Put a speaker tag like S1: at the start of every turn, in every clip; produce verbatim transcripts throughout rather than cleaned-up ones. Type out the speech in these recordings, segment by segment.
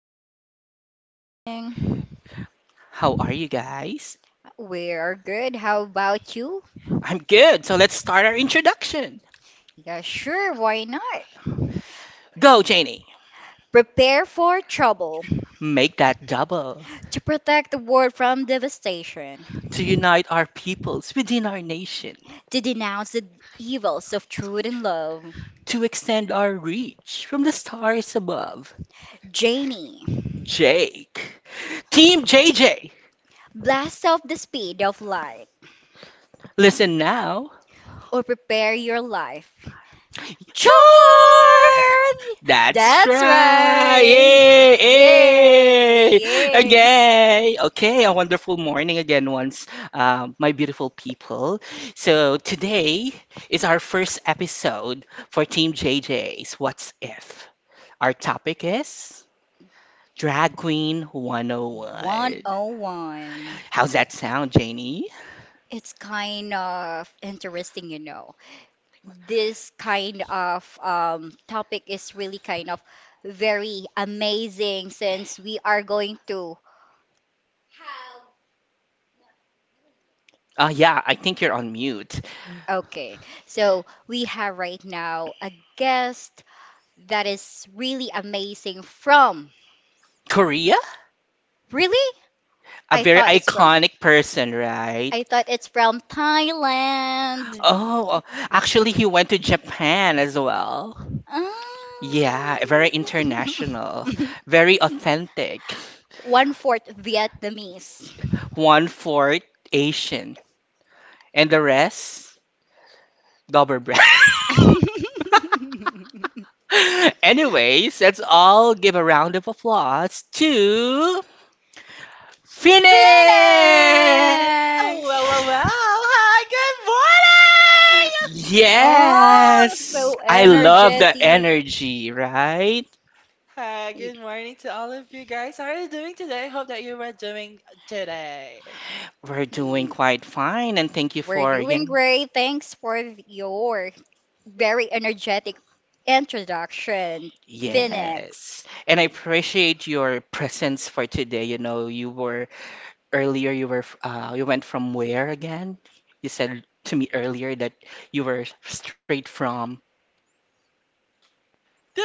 S1: Hi, good morning.
S2: How are you guys?
S1: We are good. How about you?
S2: I'm good. So let's start our introduction.
S1: Yeah, sure, why not?
S2: Go, Janie.
S1: Prepare for trouble,
S2: Make that double
S1: to protect the world from devastation,
S2: to unite our peoples within our nation,
S1: to denounce the evils of truth and love.
S2: to extend our reach from the stars above.
S1: Janie,
S2: Jake. Team
S1: to
S2: J J.
S1: blast off the speed of light,
S2: Listen now.
S1: or prepare your life. Charm!
S2: Sure! That's
S1: That's
S2: right!
S1: right! Yay!
S2: Yay!
S1: Yay!
S2: Okay, okay, a wonderful morning again, once, um, my beautiful people. So, today is our first episode for Team J J's What's If. Our topic is Drag Queen one oh one.
S1: one oh one.
S2: How's that sound, Janie?
S1: It's kind of interesting, you know. This kind of um, topic is really kind of very amazing since we are going to.
S2: Uh, yeah, I think you're on mute.
S1: Okay, so we have right now a guest that is really amazing from.
S2: Korea?
S1: Really?
S2: A
S1: I
S2: very
S1: thought it's from.
S2: iconic person, right?
S1: I thought it's from Thailand.
S2: Oh, actually, he went to Japan as well.
S1: Ah.
S2: Yeah, very international, very authentic.
S1: One fourth Vietnamese.
S2: One fourth Asian, and the rest double bread.
S1: Phoenix!
S2: Anyways, let's all give a round of applause to Phoenix!
S3: Oh, well, well, well. Hi, good morning!
S1: Oh,
S2: Yes!
S1: so
S2: I love the
S1: energetic.
S2: energy, right?
S3: Hi, good morning to all of you guys. How are you doing today? Hope that you are doing today.
S2: We're doing
S1: Mm,
S2: quite fine, and thank you
S1: we're
S2: for,
S1: doing
S2: you.
S1: great. Thanks for your very energetic introduction,
S3: The
S2: Yes.
S1: Phoenix.
S2: And I appreciate your presence for today. You know, you were earlier, you were uh you went from where again? You said to me earlier that you were straight from.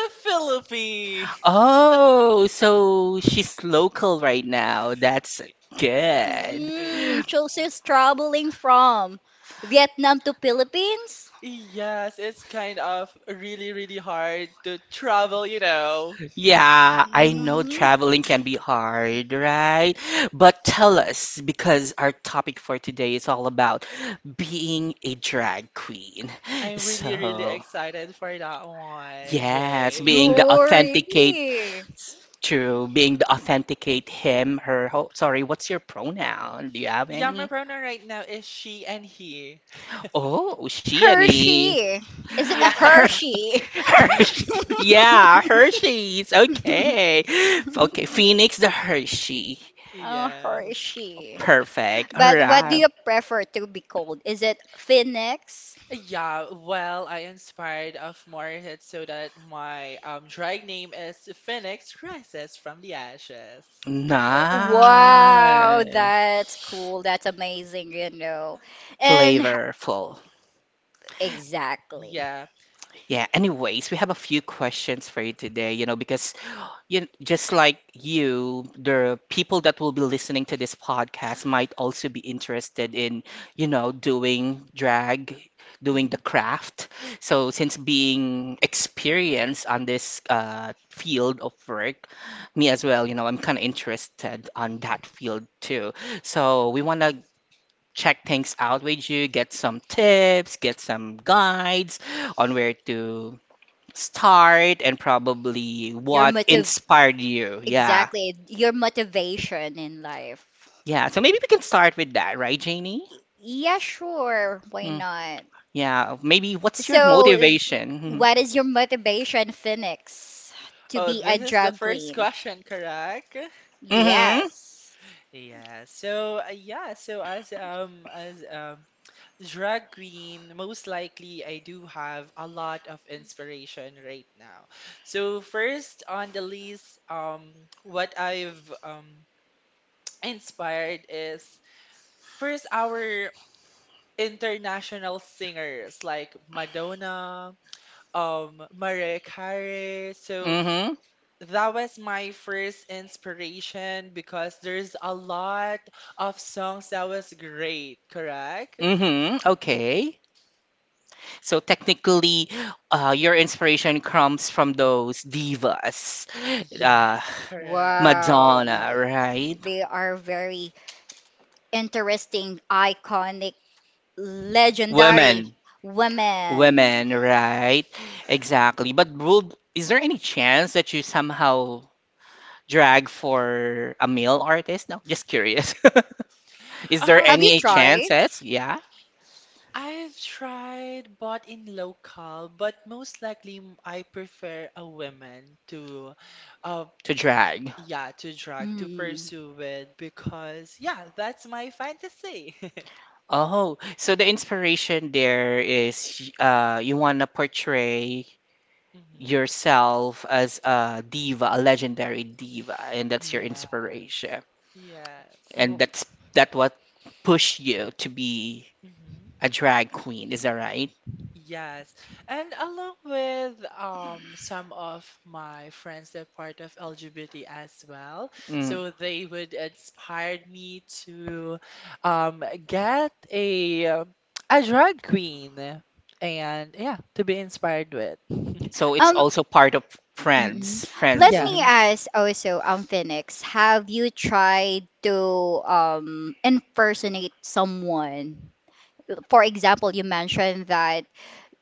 S3: Philippines!
S2: Oh, so she's local right now. That's good.
S1: Mm, so she's traveling from Vietnam to Philippines?
S3: Yes, it's kind of really, really hard to travel, you know.
S2: Yeah, I know
S1: Mhm.
S2: traveling can be hard, right? But tell us, because our topic for today is all about being a drag queen.
S3: I'm really, really
S2: So,
S3: excited for that one,
S2: yes,
S3: Jake.
S2: being the
S1: Oh,
S2: authenticate,
S1: really?
S2: true, being the authenticate him, her, ho, sorry, what's your pronoun? Do you have
S3: Yeah, my
S2: any?
S3: pronoun right now is she and he.
S2: Oh, she and he.
S1: Hershey. Is it a
S3: Yeah,
S2: Her
S1: Hershey?
S2: Hershey's. Yeah, Hershey's. Okay. Okay, Phoenix the Hershey.
S1: Oh,
S3: yeah.
S1: Hershey.
S2: Perfect. All
S1: But what do
S2: right.
S1: you prefer to be called? Is it Phoenix?
S3: Yeah, well, I inspired of Morehead so that my um drag name is Phoenix Rises from the Ashes.
S1: Uh, Wow,
S2: Nice.
S1: that's cool. That's amazing, you know. And h-
S2: Flavorful.
S1: exactly.
S3: Yeah.
S2: Yeah, anyways, we have a few questions for you today, you know, because You, just like you, the people that will be listening to this podcast might also be interested in, you know, doing drag, doing
S3: Mhm.
S2: the craft. So, since being experienced on this uh, field of work, me as well, you know, I'm kind of interested on that field too. So, we want to check things out with you, get some tips, get some guides on where to start and probably
S1: Your
S2: what
S1: motiv
S2: inspired you. Yeah.
S1: Exactly. Your motivation in life.
S2: Yeah. So maybe we can start with that, right, Janie?
S1: Y- Yeah, sure. Why
S2: Mm.
S1: not?
S2: Yeah. Maybe what's your
S1: So,
S2: motivation?
S1: what is your motivation, Phoenix, to
S3: Oh,
S1: be
S3: this
S1: a
S3: is the
S1: drag
S3: first
S1: queen?
S3: question, correct?
S2: Mm-hmm. Mm-hmm.
S1: Yes.
S3: Yeah. So, uh, yeah, so as um as um drag queen, most likely I do have a lot of inspiration right now. So, first on the list, um what I've um inspired is first, our international singers like Madonna, um, Mariah Carey. So
S2: Mm-hmm.
S3: that was my first inspiration because there's a lot of songs that was great, correct?
S2: Mm-hmm. Okay. So technically, uh, your inspiration comes from those divas, uh,
S3: Yes, correct.
S1: Wow.
S2: Madonna, right?
S1: They are very interesting, iconic,
S3: Mhm.
S1: legendary
S2: Women.
S1: women.
S2: Women, right? Exactly. But would, is there any chance that you somehow drag for a male artist? No, just curious. Is there
S3: Um,
S1: Have you
S2: any
S1: tried?
S2: chances, yeah,
S3: I've tried bought in local, but most likely m- I prefer a woman to uh,
S2: to drag?
S3: yeah, to drag, to
S1: Mm.
S3: pursue it, because yeah, that's my fantasy.
S2: Oh, so the inspiration there is uh, you want to portray
S3: Hmm.
S2: yourself as a diva, a legendary diva, and that's your
S3: Yes,
S2: inspiration.
S3: yes.
S2: And that's that what pushed you to be
S3: Hmm.
S2: a drag queen, is that right?
S3: Yes. And along with um, some of my friends that are part of L G B T as well,
S2: Mm.
S3: so they would inspire me to um, get a uh, a drag queen and yeah, to be inspired with.
S2: So it's
S1: Um,
S2: also part of
S1: Mm-mm.
S2: friends.
S1: Let
S2: Friends.
S3: Yeah,
S1: me
S2: Mhm.
S1: ask also, um, Phoenix, have you tried to um impersonate someone? For example, you mentioned that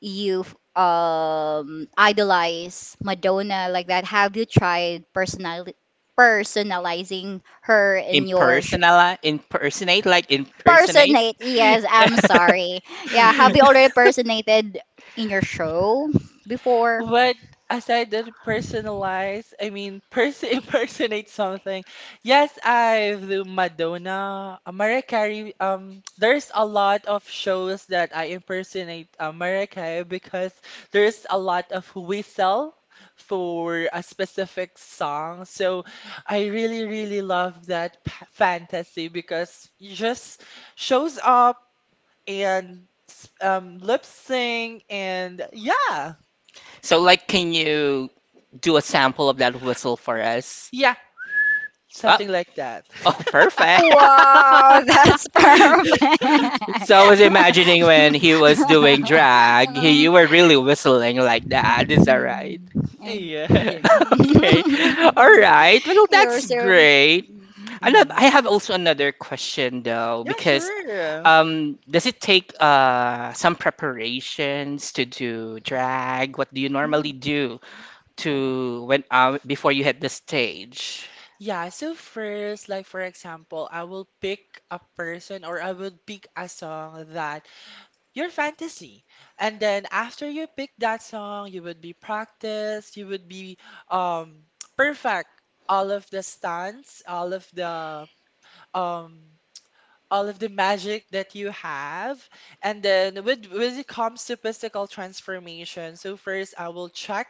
S1: you um idolize Madonna like that. Have you tried personal personalizing her in your sh
S2: Impersonali impersonate, like impersonate.
S1: personate? Yes, I'm sorry. Yeah, have you already personated in your show before?
S3: but aside that personalize, I mean, person impersonate something. Yes, I've the Madonna, uh, Mariah Carey. Um, there's a lot of shows that I impersonate uh, Mariah Carey because there's a lot of whistle for a specific song. So I really, really love that p- fantasy because you just shows up and s- um lip sync and yeah.
S2: So, like, can you do a sample of that whistle for us?
S3: Yeah,
S2: Oh,
S3: something like that.
S2: oh perfect.
S1: Wow, that's perfect.
S2: So I was imagining when he was doing drag, he, you were really whistling like that. Is that right?
S1: Um, and-
S3: Yeah.
S1: yeah.
S2: Okay. All right. Well,
S1: You're
S2: that's
S1: so.
S2: great. I love, I
S3: Hmm.
S2: have also another question though,
S3: Yeah,
S2: because
S3: sure.
S2: um, does it take uh some preparations to do drag? What do you normally
S3: Mhm.
S2: do to when uh before you hit the stage?
S3: Yeah, so first, like for example, I will pick a person or I will pick a song that your fantasy. And then after you pick that song, you would be practiced, you would be um perfect all of the stunts, all of the um all of the magic that you have. And then with when it comes to physical transformation, so first I will check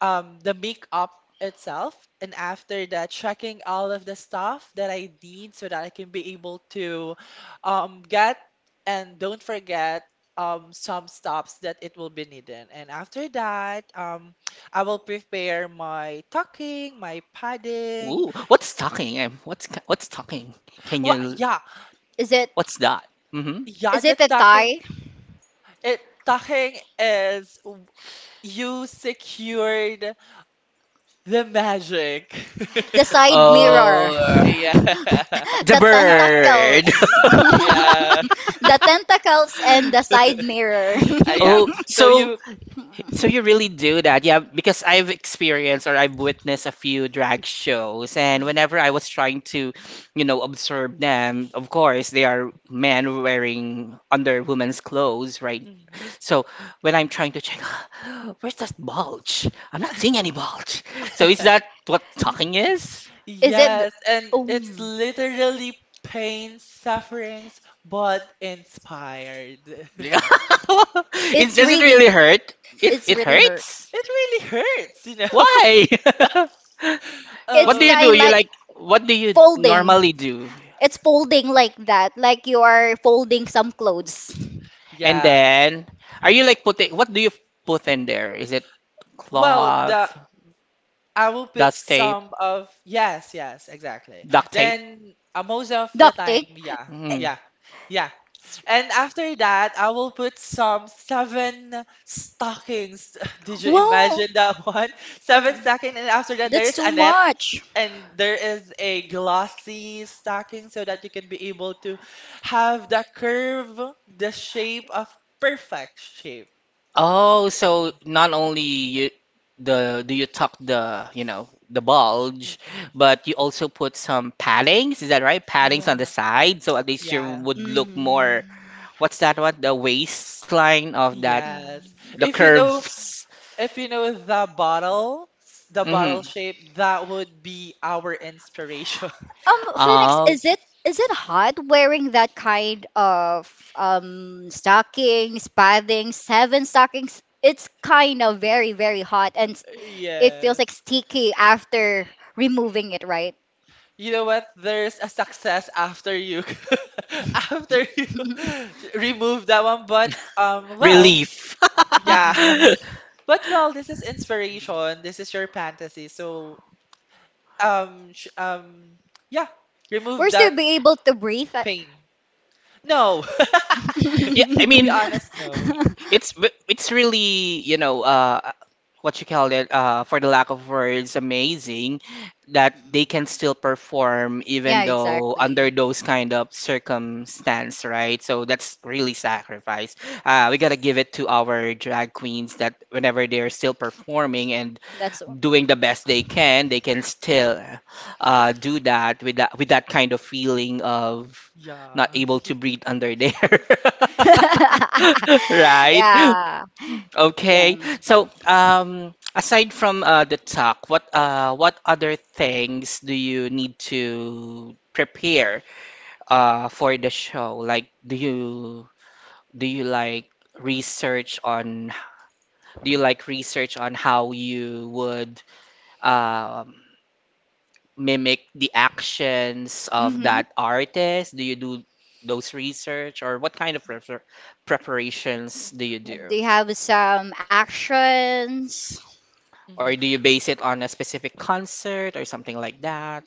S3: um the makeup itself and after that checking all of the stuff that I need so that I can be able to um get and don't forget um some stops that it will be needed. And after that, um I will prepare my tucking, my padding.
S2: Ooh, what's talking? Um, what's ca- what's talking? Can
S3: Well,
S2: you,
S3: yeah,
S1: Is it
S2: what's that? Mm-hmm.
S3: yeah,
S1: is
S3: the
S1: it the
S3: tucking.
S1: tie?
S3: It talking is w- you secured the magic.
S1: The side mirror.
S2: Oh,
S3: Yeah.
S2: the
S1: The
S3: Uh,
S2: bird.
S1: tentacles.
S3: yeah.
S1: The tentacles and the side mirror.
S3: Uh, yeah.
S2: Oh,
S3: So
S2: so,
S3: you
S2: so you really do that, yeah, because I've experienced or I've witnessed a few drag shows, and
S3: Mhm.
S2: whenever I was trying to, you know, observe them, of course, they are men wearing under women's clothes, right?
S3: Mhm.
S2: So when I'm trying to check, where's that bulge? I'm not seeing any bulge. So is that what talking is?
S1: Is it?
S3: Yes, and it's
S1: Um,
S3: literally pain, sufferings, but inspired.
S2: It,
S1: it's
S2: does it
S1: really.
S2: really hurt? It,
S1: It's
S2: it
S1: really hurt.
S2: hurts?
S3: It really hurts, you know?
S2: Why?
S1: It's
S2: What do
S3: Um,
S2: you do?
S1: kind
S2: You
S1: like
S2: like what do you
S1: folding.
S2: normally do?
S1: It's folding like that, like you are folding some clothes.
S2: And
S3: yeah.
S2: then are you like putting what do you put in there? Is it
S3: Well,
S2: cloth,
S3: the I will put
S2: dust tape,
S3: some of yes, yes, exactly.
S2: duct tape?
S3: Then uh, most of the
S1: Duct
S3: time,
S1: tape.
S3: yeah,
S2: Mm.
S3: yeah, yeah.
S1: It's,
S3: And after that, I will put some seven stockings. Did you
S1: well,
S3: imagine that one? Seven stocking, and after that,
S1: that's
S3: there
S1: too
S3: is a net,
S1: much.
S3: and there is a glossy stocking so that you can be able to have the curve, the shape of perfect shape.
S2: Oh, so not only you the do you tuck the, you know, the
S3: Mm,
S2: bulge,
S3: mm, mm.
S2: but you also put some paddings, is that right? Paddings on the
S3: Yeah,
S2: side, so at least you
S3: yeah.
S2: would look
S1: Mm.
S2: more, what's that what? the waistline of that,
S3: Yes.
S1: Mm.
S2: the
S3: If you know,
S2: curves.
S3: if you know the bottle, s- the
S2: Hmm.
S3: bottle shape, that would be our inspiration.
S1: Um, Phoenix,
S2: Oh,
S1: is it is it hot wearing that kind of um stockings, padding, seven stockings? It's kind of very, very hot, and s- it feels like
S3: Yes.
S1: sticky after removing it, right?
S3: You know what? There's a success after you after you remove that one, but um well,
S2: relief.
S3: yeah. But well, this is inspiration. This is your fantasy. So um sh um yeah,
S1: We're
S3: remove
S1: still
S3: that
S1: be able to breathe. Uh,
S3: pain. No.
S2: Yeah, I
S3: To be
S2: mean,
S3: honest, no.
S2: it's it's really, you know, uh, what you call it, uh, for the lack of words, amazing that they can still perform even
S1: yeah,
S2: though
S1: exactly.
S2: under those kind of circumstance, right? So that's really sacrifice. Uh, we gotta give it to our drag queens that whenever they're still performing and
S1: That's all.
S2: doing the best they can, they can still uh, do that with that with that kind of feeling of not
S3: Yeah.
S2: able to breathe under there. Right?
S1: Yeah. Yeah.
S2: Okay. So, um, aside from uh, the talk, what uh, what other things do you need to prepare uh, for the show? Like, do you do you like research on do you like research on how you would um mimic the actions of
S1: Mm-hmm.
S2: that artist? Do you do those research or what kind of prefer preparations do you do?
S1: They have some actions.
S3: Mm.
S2: Or
S3: Mm-hmm.
S2: do you base it on a specific concert or something like that?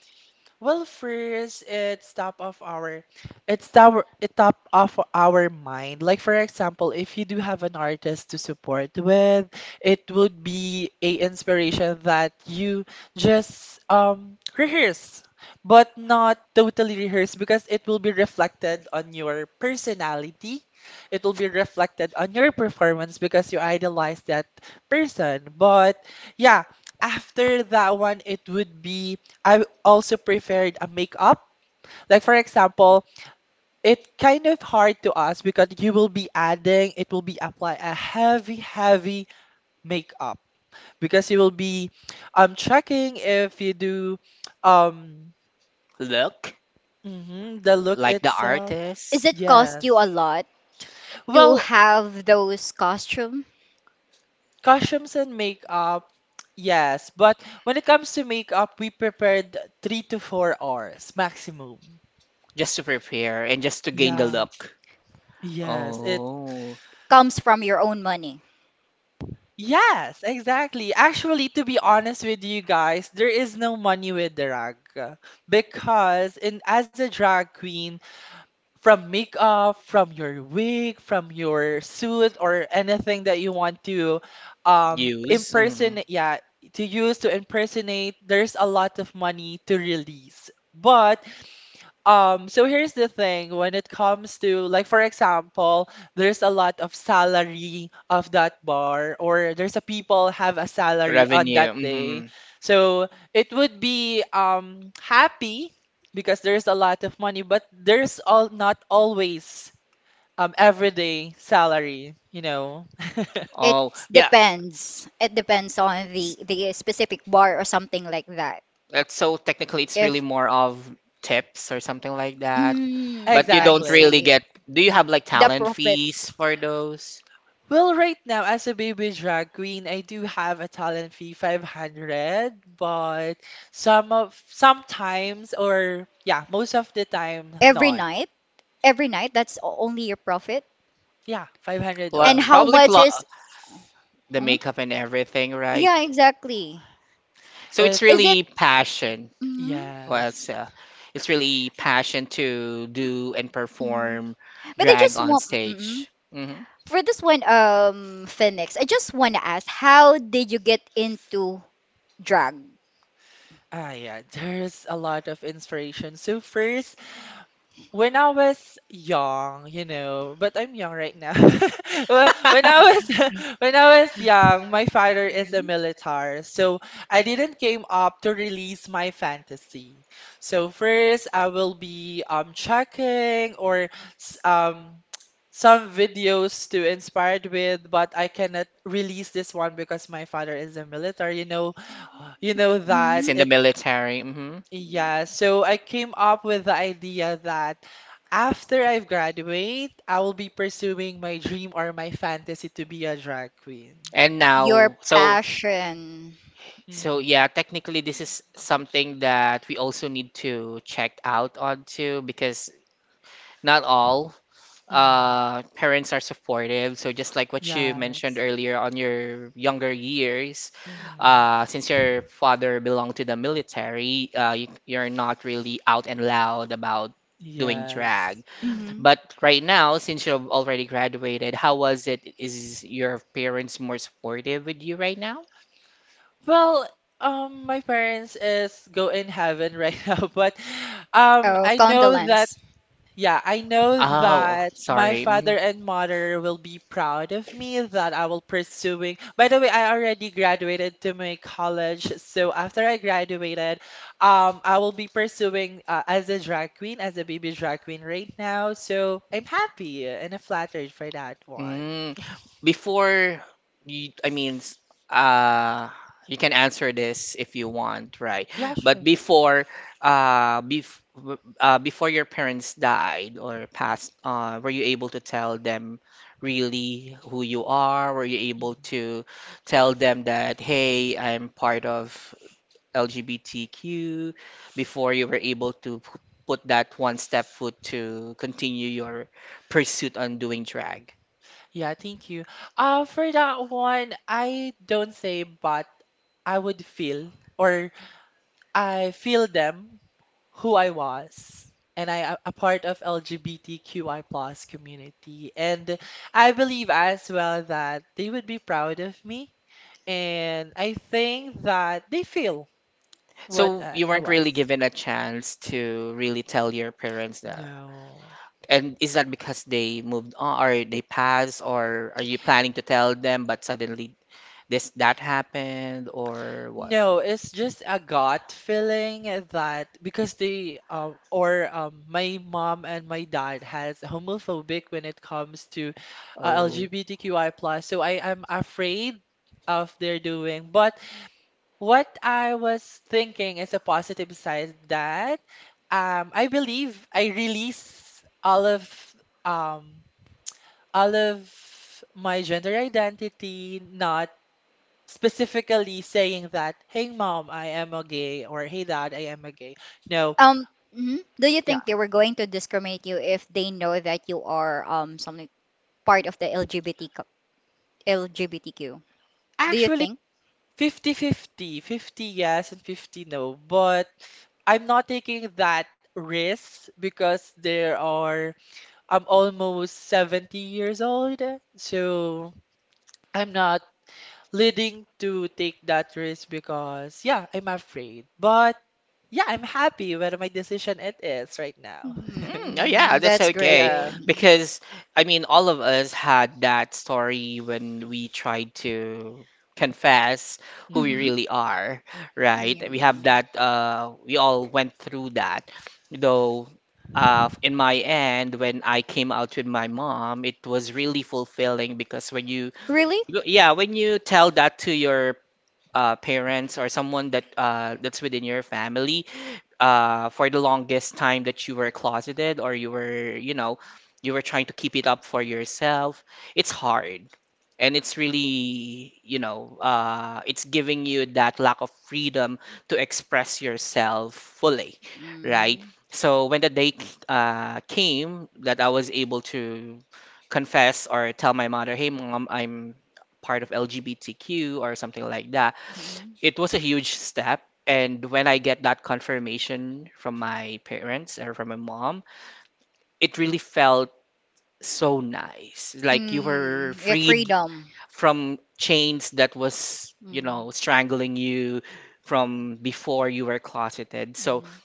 S3: Well, first, it's top of our, it's top, it top of our mind. Like for example, if you do have an artist to support with, it would be a inspiration that you just um rehearse, but not totally rehearse because it will be reflected on your personality. It will be reflected on your performance because you idolize that person. But yeah, after that one, it would be I also preferred a makeup. Like for example, it's kind of hard to us because you will be adding, it will be apply a heavy, heavy makeup because you will be um checking if you do um
S2: Look,
S3: mhm, the look
S2: like the
S3: itself.
S1: Is
S2: artist,
S1: it cost you
S3: Yes.
S1: a lot to
S3: Well,
S1: have those costume?
S3: costumes and makeup, yes. But when it comes to makeup, we prepared three to four hours maximum.
S2: just to prepare and just to gain the
S3: Yeah.
S2: look.
S3: Yes. It
S2: Oh,
S1: Comes from your own money.
S3: Yes, exactly. Actually, to be honest with you guys, there is no money with drag because in as a drag queen, from makeup, from your wig, from your suit or anything that you want to um
S2: use mhm.
S3: impersonate, yeah, to use to impersonate, there's a lot of money to release. But um, so here's the thing when it comes to like for example, there's a lot of salary of that bar or there's a people have a salary on
S2: Revenue.
S3: that day.
S2: Mhm.
S3: So it would be um happy because there's a lot of money, but there's all not always um everyday salary, you know.
S1: It
S2: Oh, yeah.
S1: depends. It depends on the the specific bar or something like that.
S2: Like, so technically, it's really
S1: If
S2: more of tips or something like that. But
S1: mm,
S2: you
S1: I
S2: don't really
S3: Exactly.
S1: see
S2: get. Do you have like
S1: the
S2: talent
S1: profit
S2: fees for those?
S3: Well, right now, as a baby drag queen, I do have a talent fee five hundred, but some of sometimes or yeah, most of the time,
S1: every
S3: none.
S1: night, every night that's o- only your profit.
S3: Yeah, five hundred
S2: Pl
S1: And how
S3: only.
S2: probably
S1: much
S2: pl
S1: is?
S2: the
S1: Hmm?
S2: makeup and everything, right?
S1: Yeah, exactly.
S2: So it's
S1: Is
S3: It's
S1: it?
S2: really passion.
S1: Mm,
S2: Well,
S3: yes.
S2: it's uh, it's really passion to do and
S1: mm.
S2: perform
S1: But I
S2: drag
S1: just
S2: on
S1: want mm,
S2: stage. Hmm.
S1: for this one, um, Phoenix. I just want to ask, how did you get into drag?
S3: Ah, yeah, there's a lot of inspiration. So first, when I was young, you know, but I'm young right now. Well, when I was when I was young, my father is a military, so I didn't came up to release my fantasy. So first, I will be um checking or s- um some videos to inspired with, but I cannot release this one because my father is a military. You know, you know
S1: Mhm.
S2: It's
S3: that
S1: Mhm.
S2: in the
S3: it.
S2: military. Hmm.
S3: Yeah, so I came up with the idea that after I graduate, I will be pursuing my dream or my fantasy to be a drag queen.
S2: And
S1: Your
S2: now, so.
S1: passion.
S2: So
S3: Hmm.
S2: yeah, technically this is something that we also need to check out on too because not all
S3: Hmm.
S2: uh parents are supportive. So just like what you mentioned
S3: Yes.
S2: earlier on your younger years,
S3: Hmm.
S2: uh since your father belonged to the military, uh you, you're not really out and loud about doing drag.
S3: Yes.
S1: Mhm.
S2: But right now, since you've already graduated, how was it? Is your parents more supportive with you right now?
S3: Well, um, my parents is go in heaven right now, but um,
S1: Oh,
S3: I know that
S1: condolence.
S3: Yeah, I know
S1: Mm.
S2: Oh,
S3: that my
S2: sorry. Mm-hmm.
S3: father and mother will be proud of me that I will pursuing. By the way, I already graduated to my college, so after I graduated, um, I will be pursuing uh, as a drag queen, as a baby drag queen right now. So I'm happy and flattered for that one.
S2: Mm, before you, I mean, s- uh, you can answer this if you want, right?
S3: Yeah,
S2: But
S3: sure.
S2: before, uh, bef w- uh, before your parents died or passed, uh, were you able to tell them really who you are? Were you able
S3: Mhm.
S2: to tell them that, hey, I'm part of L G B T Q before you were able to p- put that one step foot to continue your pursuit on doing drag?
S3: Yeah, thank you. Uh, for that one, I don't say but I would feel or I feel them who I was. And I am a part of L G B T Q I plus community. And I believe as well that they would be proud of me. And I think that they feel what
S2: So
S3: I,
S2: you
S3: I
S2: weren't
S3: was.
S2: really given a chance to really tell your parents that.
S3: No.
S2: And is that because they moved on or they passed or are you planning to tell them but suddenly this that happened or what?
S3: No, it's just a gut feeling that because they um or um my mom and my dad has homophobic when it comes to uh,
S2: Oh.
S3: L G B T Q I plus, so I am afraid of their doing. But what I was thinking is a positive side that um I believe I release all of um all of my gender identity, not specifically saying that, hey mom, I am a gay, or hey dad, I am a gay. No,
S1: Um, mhm. Do you
S3: yeah,
S1: think they were going to discriminate you if they know that you are um something part of the L G B T co- L G B T Q? Do you
S3: actually
S1: think?
S3: fifty-fifty, fifty fifty yes and fifty no, but I'm not taking that risk because there are, I'm almost seventy years old, so I'm not leading to take that risk because, yeah, I'm afraid. But yeah, I'm happy with my decision it is right now.
S2: Mm, oh yeah,
S1: Mm,
S2: that's
S1: that's
S2: okay.
S3: Yeah.
S1: great.
S2: Because I mean, all of us had that story when we tried to confess who we
S1: Mm-hmm.
S3: Mm-hmm.
S2: really are, right?
S1: Yeah.
S2: We have that. Uh, we all went through that. Though, uh, in my end, when I came out with my mom, it was really fulfilling because when you,
S1: Really?
S2: you- yeah, when you tell that to your uh, parents or someone that uh, that's within your family uh, for the longest time that you were closeted or you were, you know, you were trying to keep it up for yourself, it's hard. And it's really, you know, uh, it's giving you that lack of freedom to express yourself fully, right?
S1: Mm.
S2: So when the day uh, came that I was able to confess or tell my mother, hey, mom, I'm part of L G B T Q or something like that,
S1: Mm.
S2: it was a huge step and when I get that confirmation from my parents or from my mom, it really felt so nice. Like you were
S1: Mm, like
S2: freed
S1: freedom.
S2: from chains that was, you
S1: Mm.
S2: know, strangling you from before you were closeted. So
S1: Mm.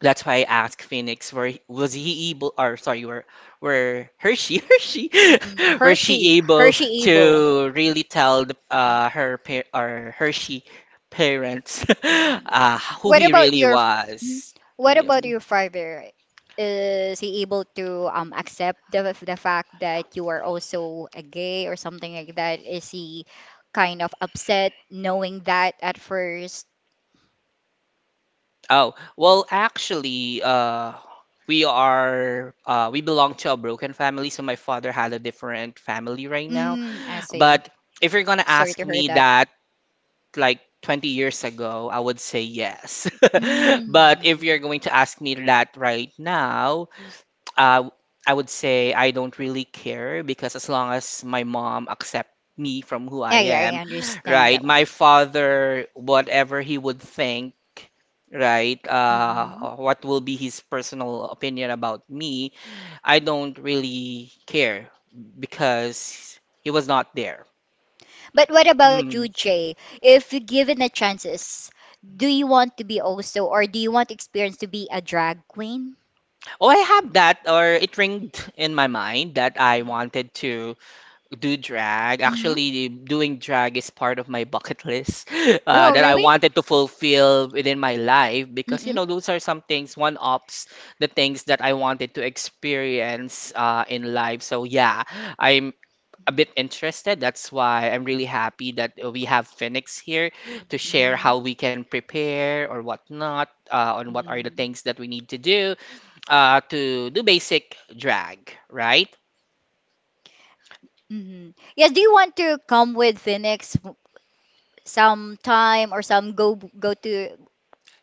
S2: that's why I asked Phoenix where was he able or sorry, were were Hershey Hershey
S1: Mm-mm.
S2: where
S1: Hershey,
S2: she able
S1: Hershey Evil.
S2: to really tell the,
S1: Mm.
S2: uh her pa- or Hershey parents
S1: Mm.
S2: uh who
S1: What
S2: he
S1: about
S2: really
S1: your mm,
S2: was.
S1: what
S2: Yeah.
S1: about your father? Is he able to um accept the the fact that you are also a gay or something like that? Is he kind of upset knowing that at first?
S2: Oh, well, actually, uh, we are uh, we belong to a broken family, so my father had a different family right now.
S1: Mm, I see.
S2: But if you're gonna
S1: Sorry
S2: ask
S1: to hear
S2: me
S1: that.
S2: that like twenty years ago, I would say yes.
S1: Mm.
S2: But if you're going to ask me that right now, uh, I would say I don't really care because as long as my mom accepts me from who
S1: Yeah,
S2: I
S1: yeah,
S2: am,
S1: I understand
S2: right?
S1: that
S2: My
S1: one.
S2: father, whatever he would think, right?
S1: Hmm.
S2: Uh, what will be his personal opinion about me, I don't really care because he was not there.
S1: But what about you,
S2: Mm.
S1: Jay? If you given the chances, do you want to be also, or do you want to experience to be a drag queen?
S2: Oh, I have that, or it ringed in my mind that I wanted to do drag.
S1: Mm-hmm.
S2: Actually, doing drag is part of my bucket list uh,
S1: Oh,
S2: that I
S1: really?
S2: wanted to fulfill within my life because, you
S1: Mm-mm.
S2: know, those are some things, one-ups, the things that I wanted to experience uh, in life. So, yeah, I'm a bit interested. That's why I'm really happy that we have Phoenix here to share
S1: Mm-hmm.
S2: how we can prepare or whatnot, uh, on what are the
S1: Mm-hmm.
S2: things that we need to do uh, to do basic drag, right?
S1: Hmm. Yeah, do you want to come with Phoenix w- sometime or some go go to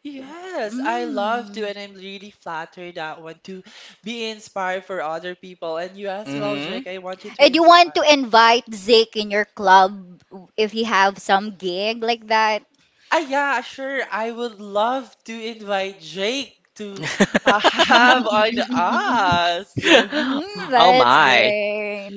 S3: Yes, I love to,
S1: mm.
S3: and I'm really flattered that one to be inspired for other people. And you as well,
S2: hmm
S3: Jake, I want you to
S1: And you want to
S3: inspire.
S1: invite Zeke in your club w- if you have some gig like that?
S3: Ah, yeah, sure. I would love to invite Jake to uh, have on us.
S1: Mm,
S2: oh
S1: that's
S2: my.
S1: great.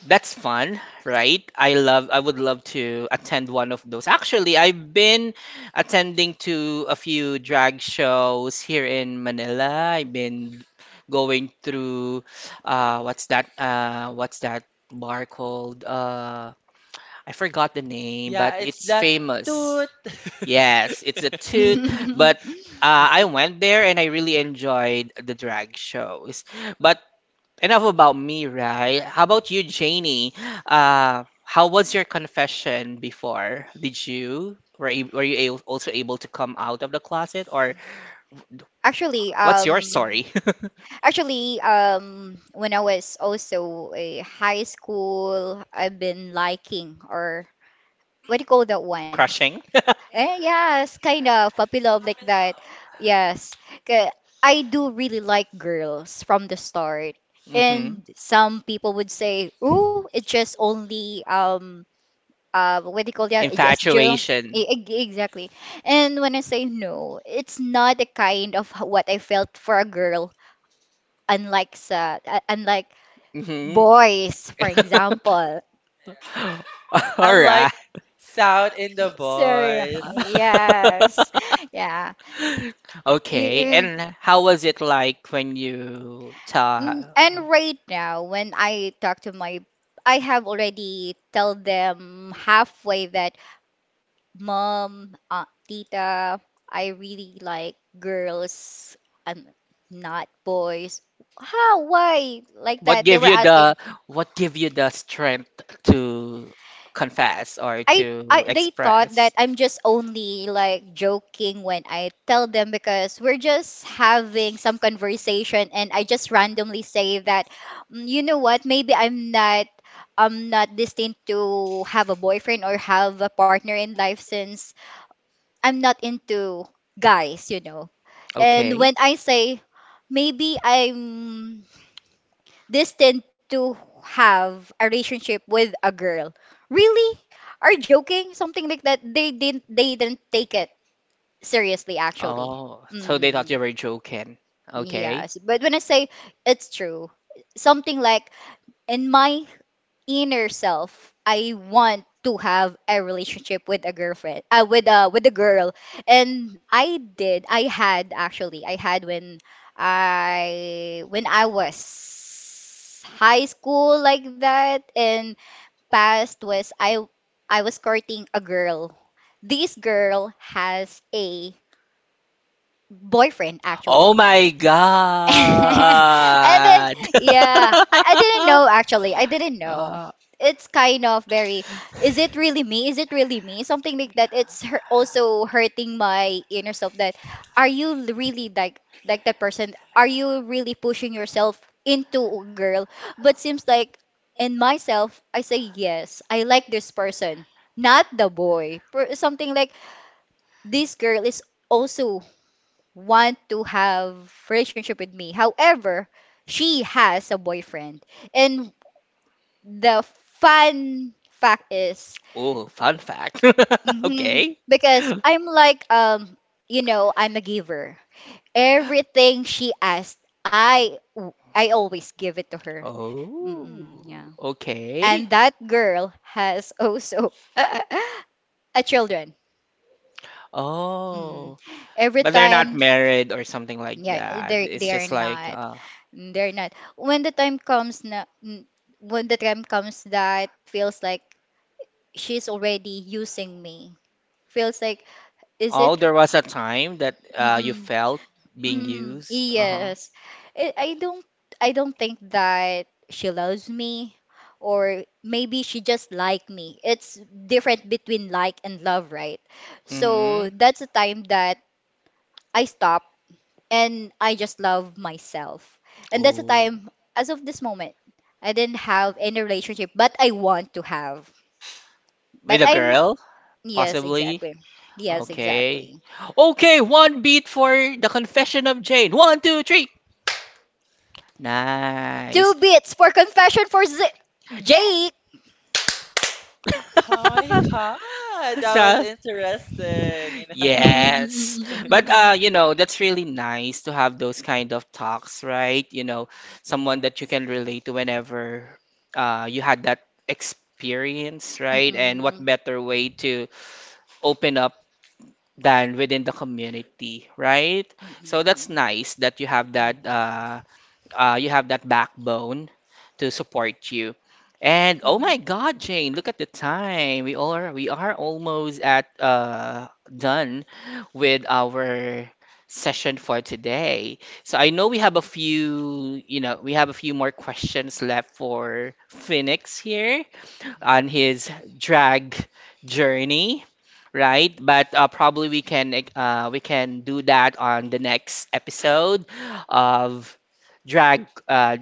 S2: That's fun, right? I love I would love to attend one of those. Actually, I've been attending to a few drag shows here in Manila. I've been going through uh what's that uh what's that bar called? Uh I forgot the name, but
S3: Yeah, it's
S2: it's
S3: that
S2: famous.
S3: toot.
S2: Yes, it's a toot, but uh, I went there and I really enjoyed the drag shows. But enough about me, right? How about you, Janie? Uh, how was your confession before? Did you were you, were you a- also able to come out of the closet, or
S1: Actually,
S2: what's your
S1: um,
S2: story?
S1: Actually, um, when I was also a high school, I've been liking or what do you call that one?
S2: Crushing?
S1: Eh, yes, kind of puppy love like that. Yes, 'Kay, I do really like girls from the start,
S2: hmm.
S1: and some people would say, "Oh, it's just only um uh what do you call that? It's just Joe."
S2: Infatuation.
S1: Exactly. And when I say no, it's not the kind of h- what I felt for a girl unlike sa uh, unlike
S2: Hmm.
S1: boys for example.
S3: I
S2: All
S3: like
S2: right.
S3: sound in the
S1: So,
S3: voice.
S1: yes, yeah. You-
S2: Okay,
S1: you-
S2: and how was it like when you
S1: mm,
S2: ta
S1: and right now, when I talk to my, I have already tell them halfway that mom, uh, tita, I really like girls and not boys. How, why like
S2: what
S1: that, they
S2: gave
S1: were
S2: you
S1: asking?
S2: the what gave you the strength to confess or
S1: I
S2: to
S1: I they thought that
S2: express?
S1: I'm just only like joking when I tell them, because we're just having some conversation and I just randomly say that, "Mm, you know what, maybe I'm not I'm not destined to have a boyfriend or have a partner in life since I'm not into guys, you know. And
S2: Okay.
S1: when I say, maybe I'm this tend to have a relationship with a girl. Really? Are you joking? Something like that. They didn't they didn't take it seriously, actually.
S2: Oh, so they thought you
S1: Mm,
S2: were joking. Okay.
S1: yes. But when I say it's true, something like, in my inner self, I want to have a relationship with a girlfriend, uh, with a with a girl. And i did I had, actually I had, when i when i was high school like that, and past was i i was courting a girl. This girl has a boyfriend,
S2: Oh
S1: actually.
S2: my
S1: And then,
S2: God.
S1: yeah, I, I didn't know, actually I didn't know
S2: Uh,
S1: it's kind of very, is it really me is it really me, something like that. It's hur- also hurting my inner self that, are you really like like that person, are you really pushing yourself into a girl? But seems like, in myself, I say, yes, I like this person, not the boy. Per- something like, this girl is also want to have relationship with me. However, she has a boyfriend. And the fun fact is,
S2: oh, fun fact.
S1: mhm,
S2: Okay.
S1: because I'm like, um you know, I'm a giver. Everything she asked, I I always give it to her. Mm-mm,
S2: Oh,
S1: yeah.
S2: okay.
S1: And that girl has also a children. Mm.
S2: Oh,
S1: Every
S2: but they're not
S1: time,
S2: married or something like
S1: yeah,
S2: that.
S1: they
S2: It's
S1: they are
S2: just like,
S1: not.
S2: uh,
S1: Mm, they're not. When the time comes, na mm, when the time comes that feels like she's already using me. Feels like, is
S2: oh,
S1: it?
S2: there was a time that uh, you
S1: Mm-mm,
S2: felt being
S1: mm,
S2: used. Uh-huh.
S1: yes. I, I don't I don't think that she loves me, or maybe she just like me. It's different between like and love, right? So
S2: Mm-hmm.
S1: that's the time that I stop and I just love myself. And that's the
S2: Oh,
S1: time, as of this moment, I didn't have any relationship, but I want to have. But
S2: with a
S1: I'm,
S2: girl?
S1: yes,
S2: Possibly?
S1: exactly. Yes,
S2: Okay.
S1: exactly.
S2: Okay, one beat for the confession of Jane. One, two, three.
S1: Two
S2: Nice.
S1: bits for confession for Z-
S2: Yeah.
S1: Jake.
S3: Oh my God, that was
S2: So,
S3: interesting, you know?
S2: yes. But uh, you know, that's really nice to have those kind of talks, right? You know, someone that you
S3: Yes.
S2: can relate to whenever uh you had that experience, right? And what
S1: Mm-mm.
S2: better way to open up than within the community, right? So that's
S1: Mm-mm.
S2: nice that you have that
S3: Oh.
S2: uh, uh, you have that backbone to support you. And oh
S1: Mm-mm.
S2: my God, Jane, look at the time. We are we are almost at uh, done with our session for today. So I know we have a few, you know, we have a few more questions left for Phoenix here on
S3: Mhm.
S2: his drag journey, right? But uh, probably we can uh, we can do that on the next episode of drag uh,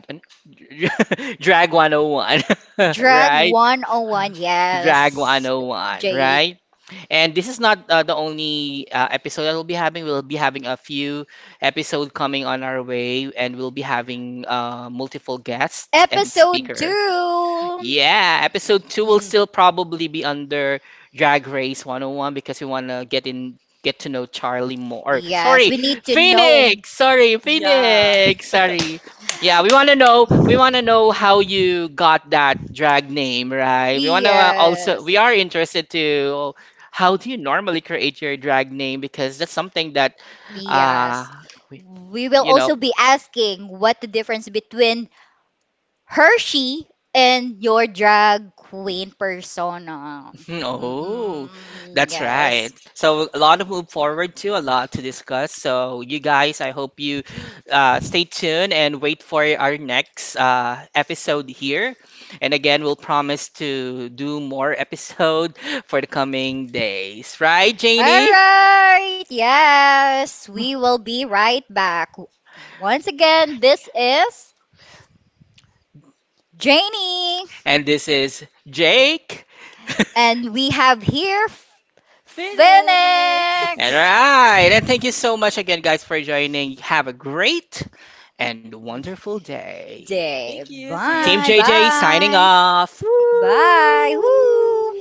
S2: drag one oh one,
S1: Drag
S2: right?
S1: one oh one,
S2: Drag
S1: yes,
S2: one oh one,
S1: Jake.
S2: right? And this is not uh, the only uh, episode that we'll be having. We'll be having a few episode coming on our way, and we'll be having uh, multiple guests and
S1: Episode
S2: speaker.
S1: two.
S2: Yeah, episode two will
S1: Mm.
S2: still probably be under Drag Race one oh one because we want to get in get to know Charlie more. Or,
S1: Yes,
S2: sorry,
S1: we need to know.
S2: Phoenix. Sorry,
S3: Yeah.
S2: Phoenix. Sorry. Yeah, we want to know we want to know how you got that drag name, right? We want to uh, also
S1: Yes.
S2: we are interested to how do you normally create your drag name because that's something that uh
S1: Yes.
S2: we,
S1: We will
S2: you know.
S1: also be asking what the difference between Hershey and your drag queen persona.
S2: Hmm, oh,
S1: Mm,
S2: that's right.
S1: yes.
S2: So a lot to move forward to, a lot to discuss. So you guys, I hope you uh, stay tuned and wait for our next uh, episode here. And again, we'll promise to do more episode for the coming days, right,
S1: All
S2: Janie?
S1: right. Yes, we will be right back. Once again, this is Janie,
S2: And this is Jake.
S1: and we have here
S3: Phoenix.
S2: All
S1: Phoenix.
S2: right, and thank you so much again, guys, for joining. Have a great and wonderful day.
S1: Day.
S3: Thank you. See you
S2: Team
S1: Bye.
S3: on
S2: J J signing
S1: Bye.
S2: off. Woo!
S1: Bye. Woo.